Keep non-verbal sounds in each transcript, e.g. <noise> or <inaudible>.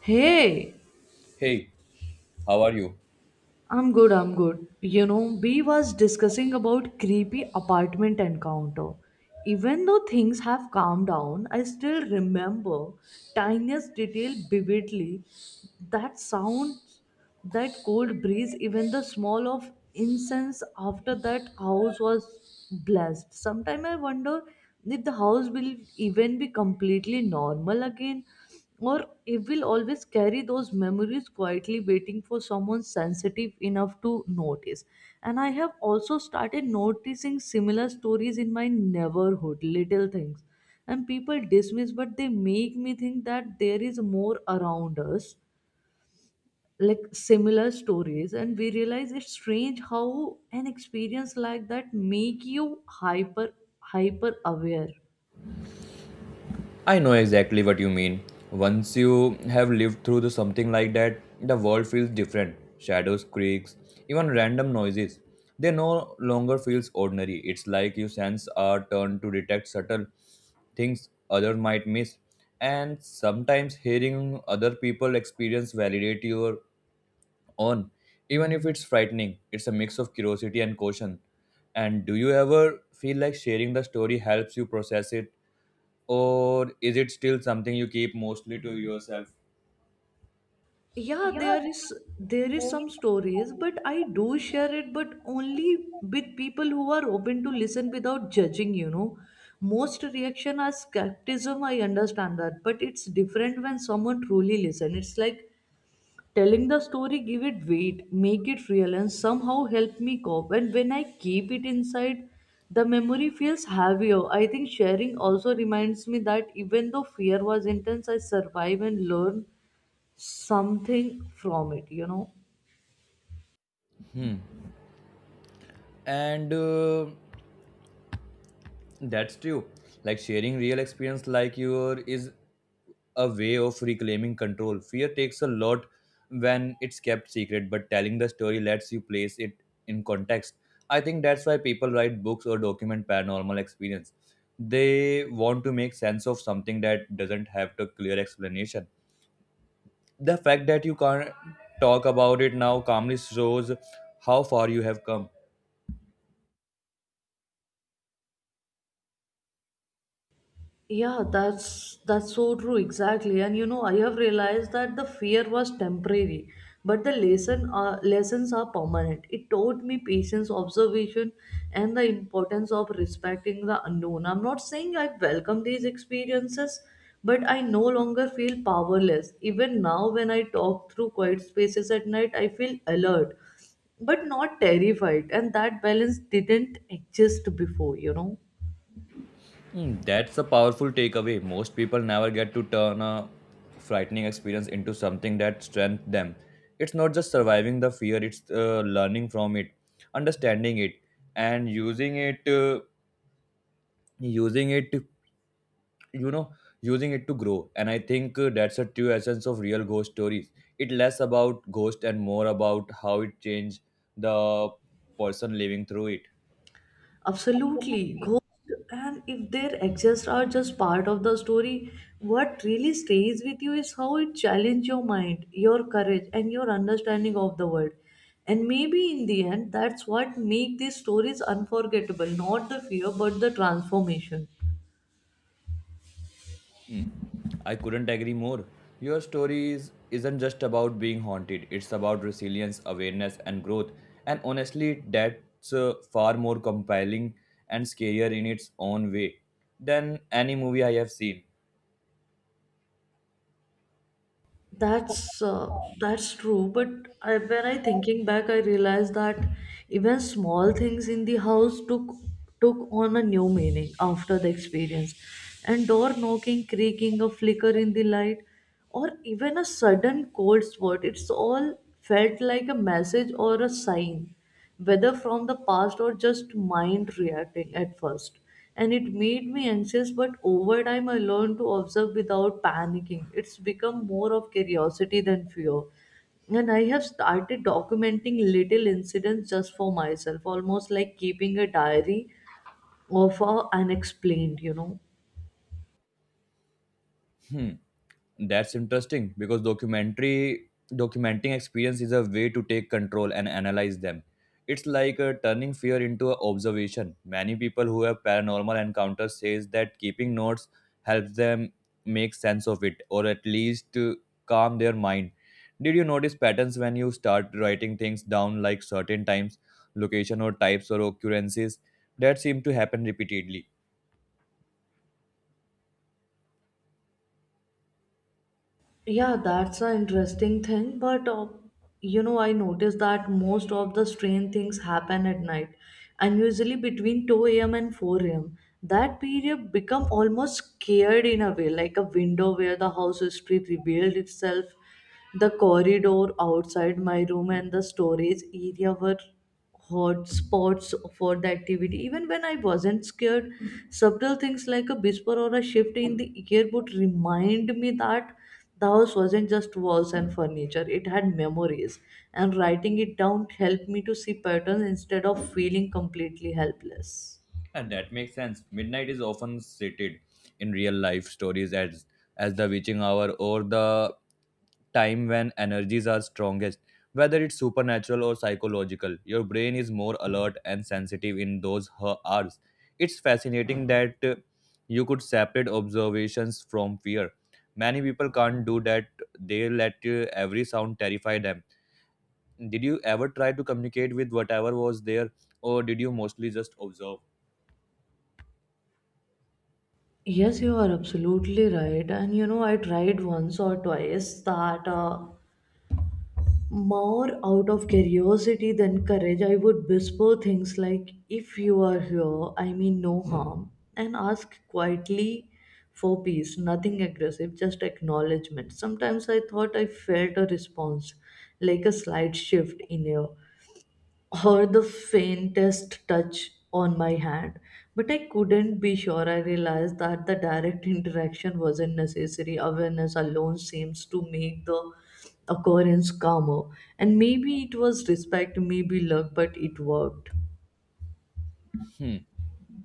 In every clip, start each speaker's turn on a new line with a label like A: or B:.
A: Hey,
B: Hey, how are you?
A: I'm good, I'm good. You know, we was discussing about creepy apartment encounter. Even though things have calmed down, I still remember tiniest detail vividly. That sound, that cold breeze, even the smell of incense after that house was blessed. Sometimes I wonder if the house will even be completely normal again or it will always carry those memories quietly waiting for someone sensitive enough to notice. And I have also started noticing similar stories in my neighborhood, little things and people dismiss, but they make me think that there is more around us, like similar stories. And we realize it's strange how an experience like that make you hyper hyper aware.
B: I know exactly what you mean. Once you have lived through the something like that, the world feels different. Shadows, creaks, even random noises. They no longer feels ordinary. It's like your sense are turned to detect subtle things others might miss. And sometimes hearing other people experience validate your own. Even if it's frightening, it's a mix of curiosity and caution. And do you ever feel like sharing the story helps you process it, or is it still something you keep mostly to yourself?
A: Yeah, there is some stories, but I do share it, but only with people who are open to listen without judging, you know. Most reaction are skepticism, I understand that, but it's different when someone truly listen. It's like telling the story, give it weight, make it real, and somehow help me cope. And when I keep it inside, the memory feels heavier. I think sharing also reminds me that even though fear was intense, I survive and learn something from it.
B: And that's true, like sharing real experience like your is a way of reclaiming control. Fear takes a lot when it's kept secret, but telling the story lets you place it in context. I think that's why people write books or document paranormal experience. They want to make sense of something that doesn't have a clear explanation. The fact that you can't talk about it now calmly shows how far you have come.
A: Yeah, that's so true, exactly. And you know, I have realized that the fear was temporary, but the lesson lessons are permanent. It taught me patience, observation, and the importance of respecting the unknown. I'm not saying I welcome these experiences, but I no longer feel powerless. Even now, when I talk through quiet spaces at night, I feel alert, but not terrified. And that balance didn't exist before, you know.
B: Mm, that's a powerful takeaway. Most people never get to turn a frightening experience into something that strengthens them. It's not just surviving the fear, it's learning from it, understanding it, and using it, using it, to- you know, using it to grow. And I think that's a true essence of real ghost stories. It's less about ghost and more about how it changed the person living through it.
A: Absolutely. Ghosts and if they exist are just part of the story, what really stays with you is how it challenges your mind, your courage, and your understanding of the world. And maybe in the end, that's what makes these stories unforgettable, not the fear, but the transformation.
B: Hmm. I couldn't agree more. Your story isn't just about being haunted, it's about resilience, awareness, and growth. And honestly, that's far more compelling and scarier in its own way than any movie I have seen.
A: That's true, but I, when I thinking back, I realized that even small things in the house took on a new meaning after the experience. And door knocking, creaking, a flicker in the light, or even a sudden cold spot, it's all felt like a message or a sign whether from the past or just mind reacting at first. And it made me anxious, but over time I learned to observe without panicking. It's become more of curiosity than fear. And I have started documenting little incidents just for myself, almost like keeping a diary of our unexplained, you know.
B: Hmm. That's interesting because documentary documenting experience is a way to take control and analyze them. It's like turning fear into a observation. Many people who have paranormal encounters says that keeping notes helps them make sense of it, or at least calm their mind. Did you notice patterns when you start writing things down, like certain times, location or types or occurrences that seem to happen repeatedly?
A: Yeah, that's an interesting thing, but you know, I noticed that most of the strange things happen at night, and usually between 2 a.m. and 4 a.m. That period become almost scared in a way, like a window where the house street revealed itself, the corridor outside my room and the storage area were hotspots for the activity. Even when I wasn't scared, subtle things like a whisper or a shift in the air would remind me that the house wasn't just walls and furniture, it had memories. And writing it down helped me to see patterns instead of feeling completely helpless.
B: And that makes sense. Midnight is often cited in real life stories as the witching hour or the time when energies are strongest. Whether it's supernatural or psychological, your brain is more alert and sensitive in those her hours. It's fascinating that you could separate observations from fear. Many people can't do that. They let every sound terrify them. Did you ever try to communicate with whatever was there, or did you mostly just observe?
A: Yes, you are absolutely right. And you know, I tried once or twice that. More out of curiosity than courage, I would whisper things like, "If you are here, I mean no harm," and ask quietly for peace, nothing aggressive, just acknowledgement. Sometimes I thought I felt a response, like a slight shift in air, or the faintest touch on my hand. But I couldn't be sure. I realized that the direct interaction wasn't necessary. Awareness alone seems to make the occurrence calmer. And maybe it was respect, maybe luck, but it worked.
B: Hmm.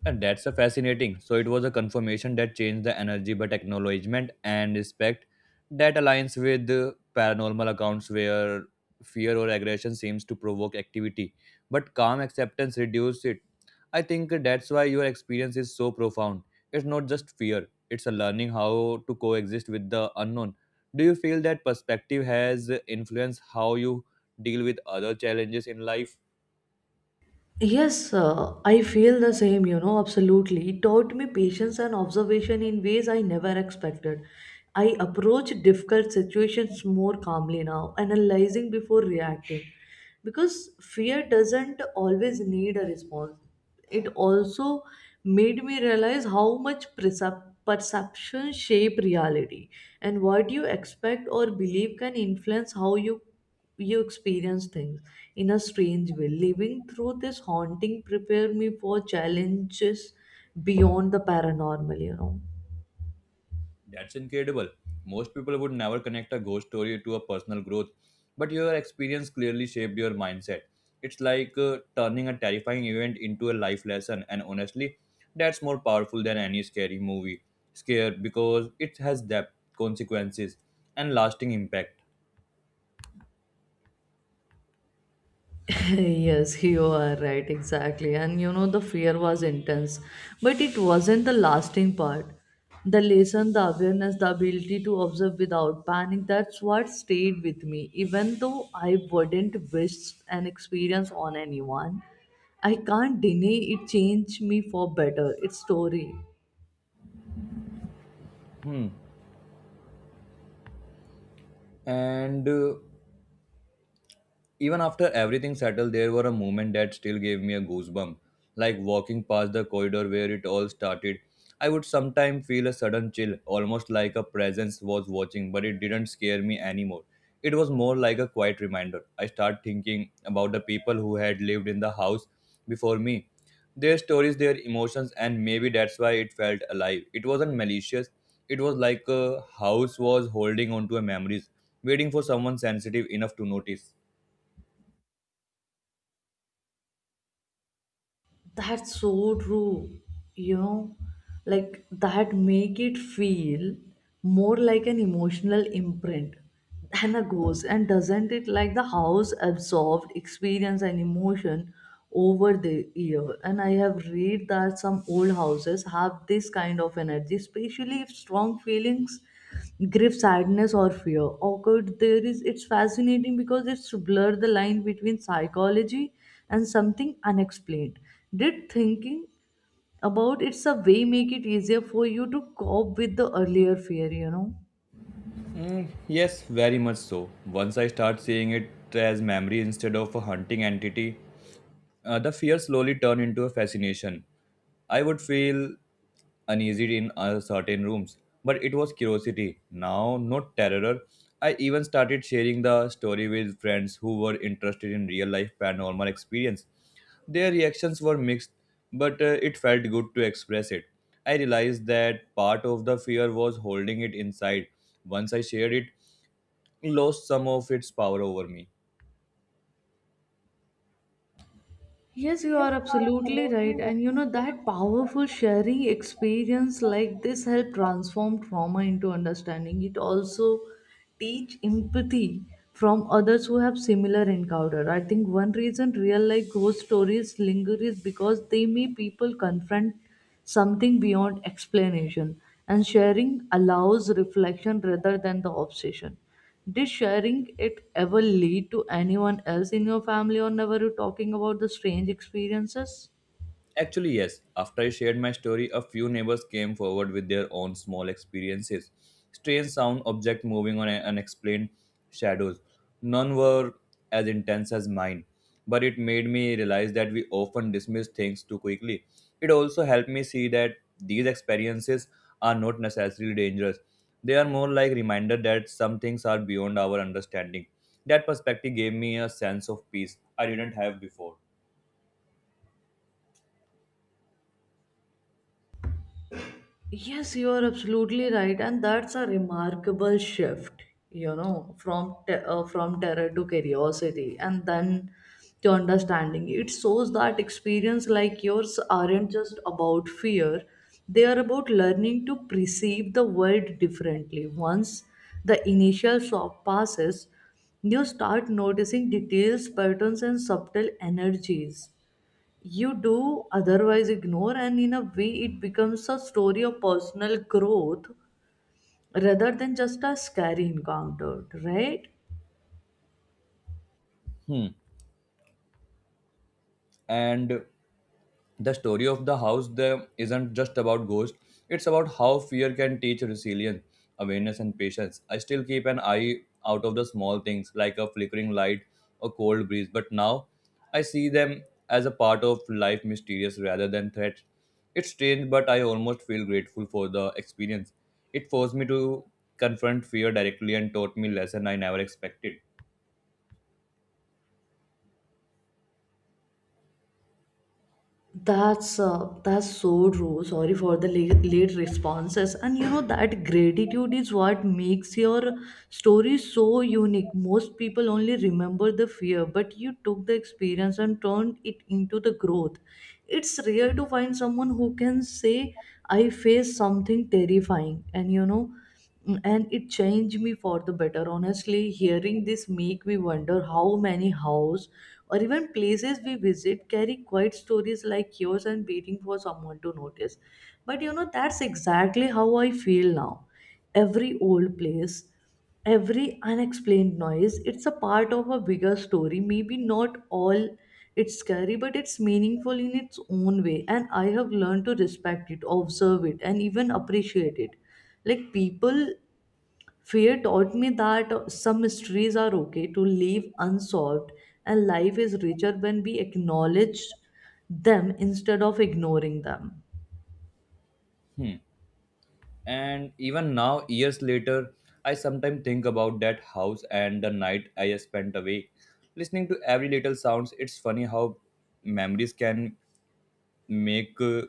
B: And that's a fascinating. So it was a confirmation that changed the energy, but acknowledgement and respect, that aligns with the paranormal accounts where fear or aggression seems to provoke activity, but calm acceptance reduces it. I think that's why your experience is so profound. It's not just fear; it's a learning how to coexist with the unknown. Do you feel that perspective has influenced how you deal with other challenges in life?
A: Yes, I feel the same, you know, absolutely. It taught me patience and observation in ways I never expected. I approach difficult situations more calmly now, analyzing before reacting. Because fear doesn't always need a response. It also made me realize how much perception shape reality and what you expect or believe can influence how you experience things in a strange way. Living through this haunting prepared me for challenges beyond the paranormal, you know.
B: That's incredible. Most people would never connect a ghost story to a personal growth, but your experience clearly shaped your mindset. It's like turning a terrifying event into a life lesson, and honestly, that's more powerful than any scary movie. Scare because it has depth, consequences, and lasting impact.
A: <laughs> Yes, you are right, exactly. And you know, the fear was intense, but it wasn't the lasting part. The lesson, the awareness, the ability to observe without panic, that's what stayed with me. Even though I wouldn't wish an experience on anyone, I can't deny it changed me for better. It's story.
B: Hmm. And even after everything settled, there were a moment that still gave me a goosebump, like walking past the corridor where it all started. I would sometimes feel a sudden chill, almost like a presence was watching, but it didn't scare me anymore. It was more like a quiet reminder. I start thinking about the people who had lived in the house before me, their stories, their emotions, and maybe that's why it felt alive. It wasn't malicious. It was like a house was holding on to a memories, waiting for someone sensitive enough to notice.
A: That's so true. You know, like that make it feel more like an emotional imprint than a ghost. And doesn't it like the house absorbed experience and emotion over the year? And I have read that some old houses have this kind of energy, especially if strong feelings grief, sadness, or fear. Occurred there is it's fascinating because it's blur the line between psychology and something unexplained. Did thinking about it's a way make it easier for you to cope with the earlier fear, you know?
B: Mm, yes, very much so. Once I start seeing it as memory instead of a hunting entity, the fear slowly turned into a fascination. I would feel uneasy in certain rooms, but it was curiosity, now not terror. I even started sharing the story with friends who were interested in real life paranormal experience. Their reactions were mixed, but it felt good to express it. I realized that part of the fear was holding it inside. Once I shared it, lost some of its power over me.
A: Yes, you are absolutely right. And you know, that powerful sharing experience like this help transform trauma into understanding. It also teach empathy from others who have similar encounter. I think one reason real life ghost stories linger is because they make people confront something beyond explanation, and sharing allows reflection rather than the obsession. Did sharing it ever lead to anyone else in your family, or never you talking about the strange experiences?
B: Actually, yes, after I shared my story, a few neighbors came forward with their own small experiences. Strange sound, object moving unexplained shadows. None were as intense as mine, but it made me realize that we often dismiss things too quickly. It also helped me see that these experiences are not necessarily dangerous. They are more like reminder that some things are beyond our understanding. That perspective gave me a sense of peace I didn't have before.
A: Yes, you are absolutely right, and that's a remarkable shift, you know, from terror to curiosity, and then to understanding. It shows that experience like yours aren't just about fear; they are about learning to perceive the world differently. Once the initial shock passes, you start noticing details, patterns, and subtle energies you do otherwise ignore. And in a way it becomes a story of personal growth rather than just a scary encounter, right?
B: Hmm. And the story of the house there isn't just about ghosts. It's about how fear can teach resilience, awareness, and patience. I still keep an eye out of the small things like a flickering light or cold breeze, but now I see them as a part of life mysterious rather than threats. It's strange, but I almost feel grateful for the experience. It forced me to confront fear directly and taught me lesson I never expected.
A: That's so true, sorry for the late responses. And you know that gratitude is what makes your story so unique, most people only remember the fear but you took the experience and turned it into the growth. It's rare to find someone who can say I faced something terrifying, and you know, mm, and it changed me for the better. Honestly hearing this make me wonder how many house or even places we visit carry quiet stories like yours and waiting for someone to notice. But you know that's exactly how I feel now, every old place, every unexplained noise it's a part of a bigger story, maybe not all it's scary but it's meaningful in its own way, and I have learned to respect it, observe it, and even appreciate it like people. Fear taught me that some mysteries are okay to leave unsolved and life is richer when we acknowledge them instead of ignoring them.
B: Hmm. And even now, years later, I sometimes think about that house and the night I spent awake. Listening to every little sounds, it's funny how memories can make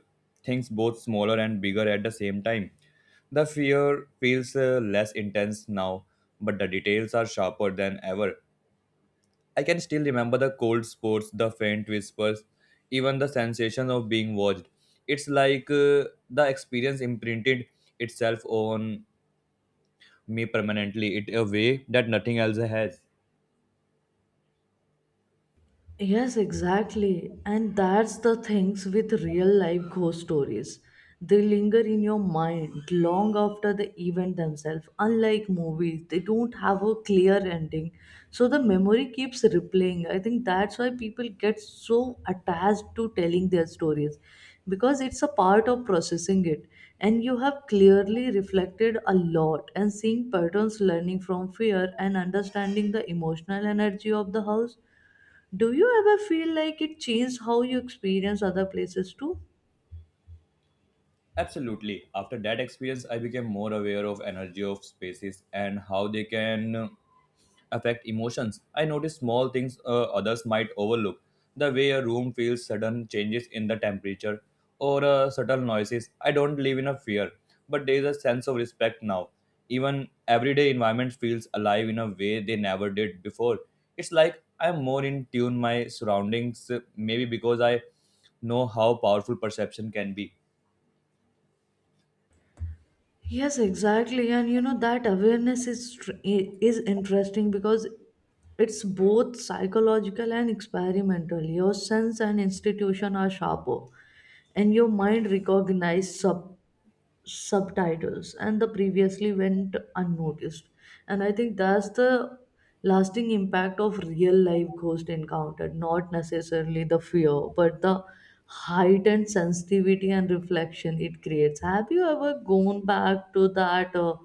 B: things both smaller and bigger at the same time. The fear feels less intense now, but the details are sharper than ever. I can still remember the cold spots, the faint whispers, even the sensation of being watched. It's like the experience imprinted itself on me permanently it a way that nothing else has.
A: Yes, exactly. And that's the things with real life ghost stories. They linger in your mind long after the event themselves. Unlike movies, they don't have a clear ending. So the memory keeps replaying. I think that's why people get so attached to telling their stories because it's a part of processing it. And you have clearly reflected a lot and seeing patterns, learning from fear, and understanding the emotional energy of the house, do you ever feel like it changed how you experience other places too?
B: Absolutely. After that experience I became more aware of energy of spaces and how they can affect emotions. I notice small things others might overlook, the way a room feels, sudden changes in the temperature, or subtle noises. I don't live in a fear, but there is a sense of respect now. Even everyday environment feels alive in a way they never did before. It's like I'm more in tune my surroundings, maybe because I know how powerful perception can be.
A: Yes, exactly. And you know that awareness is is interesting because it's both psychological and experimental. Your sense and institution are sharper, and your mind recognizes subtitles and the previously went unnoticed. And I think that's the lasting impact of real life ghost encounter, not necessarily the fear but the heightened sensitivity and reflection it creates. Have you ever gone back to that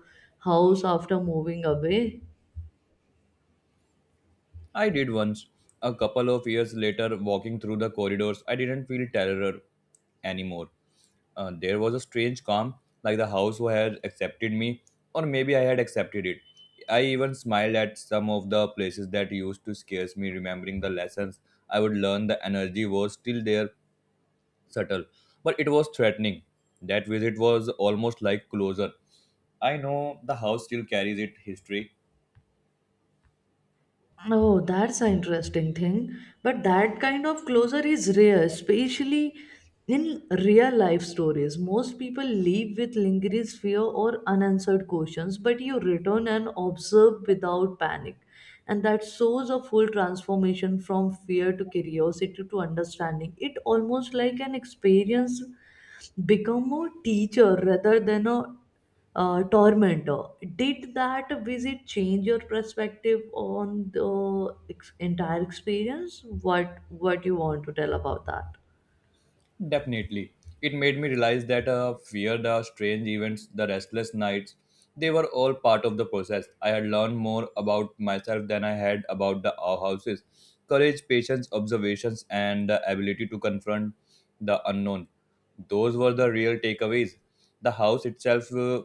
A: house after moving away?
B: I did once. A couple of years later, walking through the corridors, I didn't feel terror anymore. There was a strange calm, like the house had accepted me, or maybe I had accepted it. I even smiled at some of the places that used to scare me, remembering the lessons I would learn. The energy was still there, subtle, but it was threatening. That visit was almost like closer. I know the house still carries its history.
A: Oh, that's an interesting thing. But that kind of closure is rare, especially in real life stories. Most people leave with lingering fear or unanswered questions, but you return and observe without panic. And that shows a full transformation from fear to curiosity to understanding. It almost like an experience become a teacher rather than a tormentor. Did that visit change your perspective on the entire experience? What you want to tell about that?
B: Definitely. It made me realize that fear, the strange events, the restless nights, they were all part of the process. I had learned more about myself than I had about the our houses. Courage, patience, observations, and the ability to confront the unknown. Those were the real takeaways. The house itself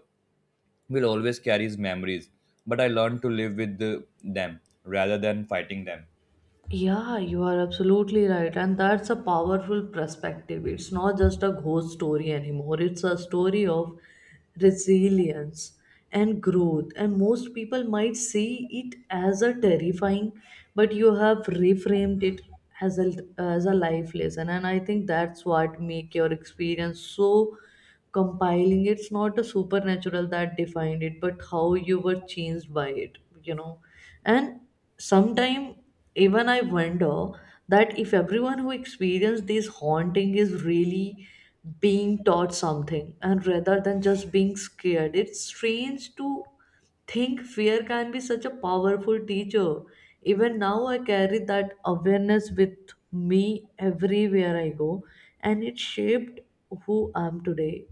B: will always carry memories, but I learned to live with them rather than fighting them.
A: Yeah, you are absolutely right. And that's a powerful perspective. It's not just a ghost story anymore, it's a story of resilience and growth. And most people might see it as a terrifying, but you have reframed it as a life lesson. And I think that's what make your experience so compiling. It's not a supernatural that defined it, but how you were changed by it, you know. And sometime even I wonder that if everyone who experienced this haunting is really being taught something and rather than just being scared. It's strange to think fear can be such a powerful teacher. Even now, I carry that awareness with me everywhere I go, and it shaped who I am today.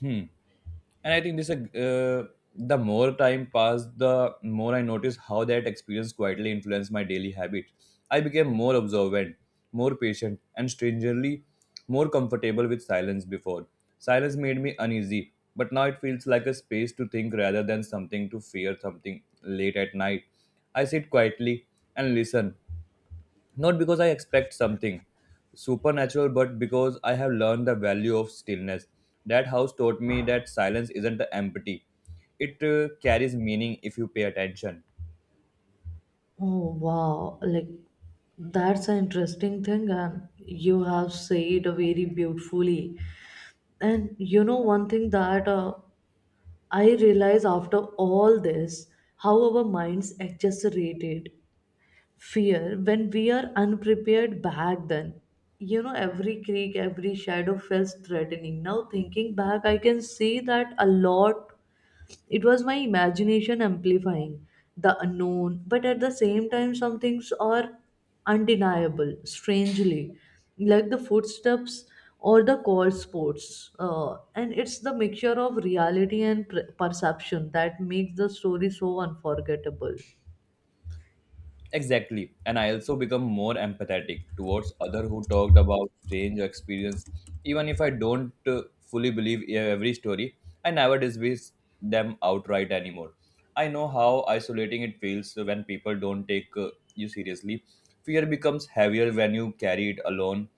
B: Hmm. And I think this the more time passed, the more I noticed how that experience quietly influenced my daily habit. I became more observant, more patient, and strangely more comfortable with silence before. Silence made me uneasy, but now it feels like a space to think rather than something to fear something late at night. I sit quietly and listen, not because I expect something supernatural, but because I have learned the value of stillness. That house taught me that silence isn't empty, it carries meaning if you pay attention.
A: Oh, wow! Like that's an interesting thing, and you have said very beautifully. And you know, one thing that I realize after all this, how our minds exaggerated fear when we are unprepared back then. You know, every creak, every shadow feels threatening. Now, thinking back, I can see that a lot it was my imagination amplifying the unknown, but at the same time, some things are undeniable, strangely, like the footsteps or the cold sports. And it's the mixture of reality and perception that makes the story so unforgettable.
B: Exactly. And I also become more empathetic towards other who talked about strange experience. Even if I don't fully believe every story, I never dismiss them outright anymore. I know how isolating it feels when people don't take you seriously. Fear becomes heavier when you carry it alone.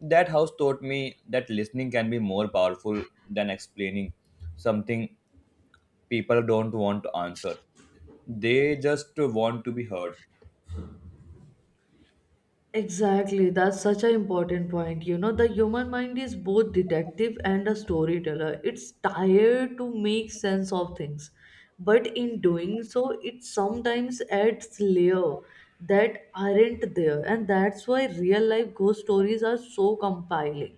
B: That house taught me that listening can be more powerful than explaining something people don't want to answer. They just want to be heard.
A: Exactly, that's such an important point. You know, the human mind is both detective and a storyteller. It's tired to make sense of things, but in doing so, it sometimes adds layer that aren't there, and that's why real life ghost stories are so compelling,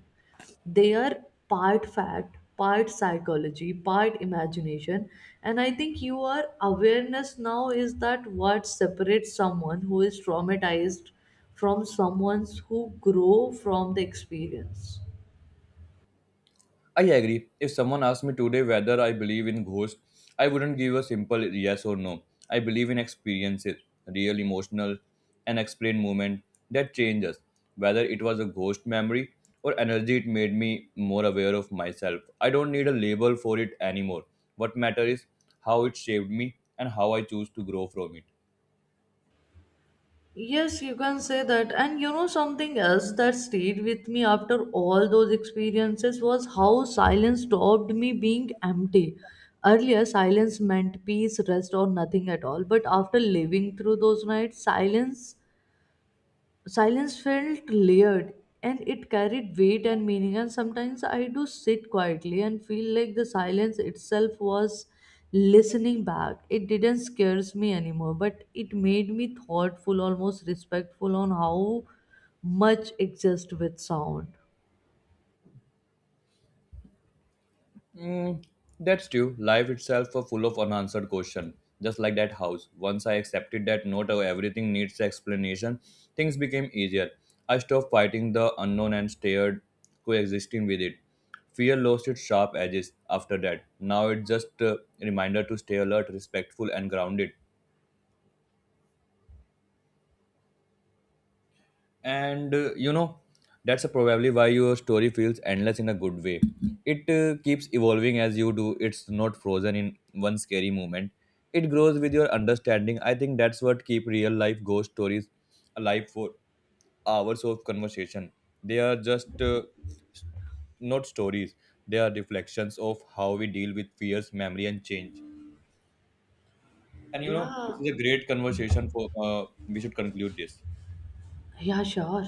A: they are part fact, part psychology, part imagination. And I think your awareness now is that what separates someone who is traumatized from someone who grow from the experience.
B: I agree. If someone asked me today whether I believe in ghosts, I wouldn't give a simple yes or no. I believe in experiences, real emotional, unexplained moment that change us. Whether it was a ghost memory or energy, it made me more aware of myself. I don't need a label for it anymore. What matters is how it shaped me and how I choose to grow from it.
A: Yes, you can say that. And you know, something else that stayed with me after all those experiences was how silence stopped me being empty. Earlier, silence meant peace, rest, or nothing at all. But after living through those nights, silence felt layered and it carried weight and meaning. And sometimes I do sit quietly and feel like the silence itself was listening back. It didn't scares me anymore but it made me thoughtful, almost respectful on how much exist with sound.
B: Mm, that's true. Life itself was full of unanswered questions, just like that house. Once I accepted that not everything needs explanation, things became easier. I stopped fighting the unknown and stared, coexisting with it. Fear lost its sharp edges after that. Now it's just a reminder to stay alert, respectful, and grounded. And that's probably why your story feels endless in a good way. It keeps evolving as you do. It's not frozen in one scary moment. It grows with your understanding. I think that's what keep real life ghost stories alive for hours of conversation. They are just s- not stories, they are reflections of how we deal with fears, memory, and change. And
A: Yeah,
B: this is a great conversation for We should conclude this.
A: yeah, sure.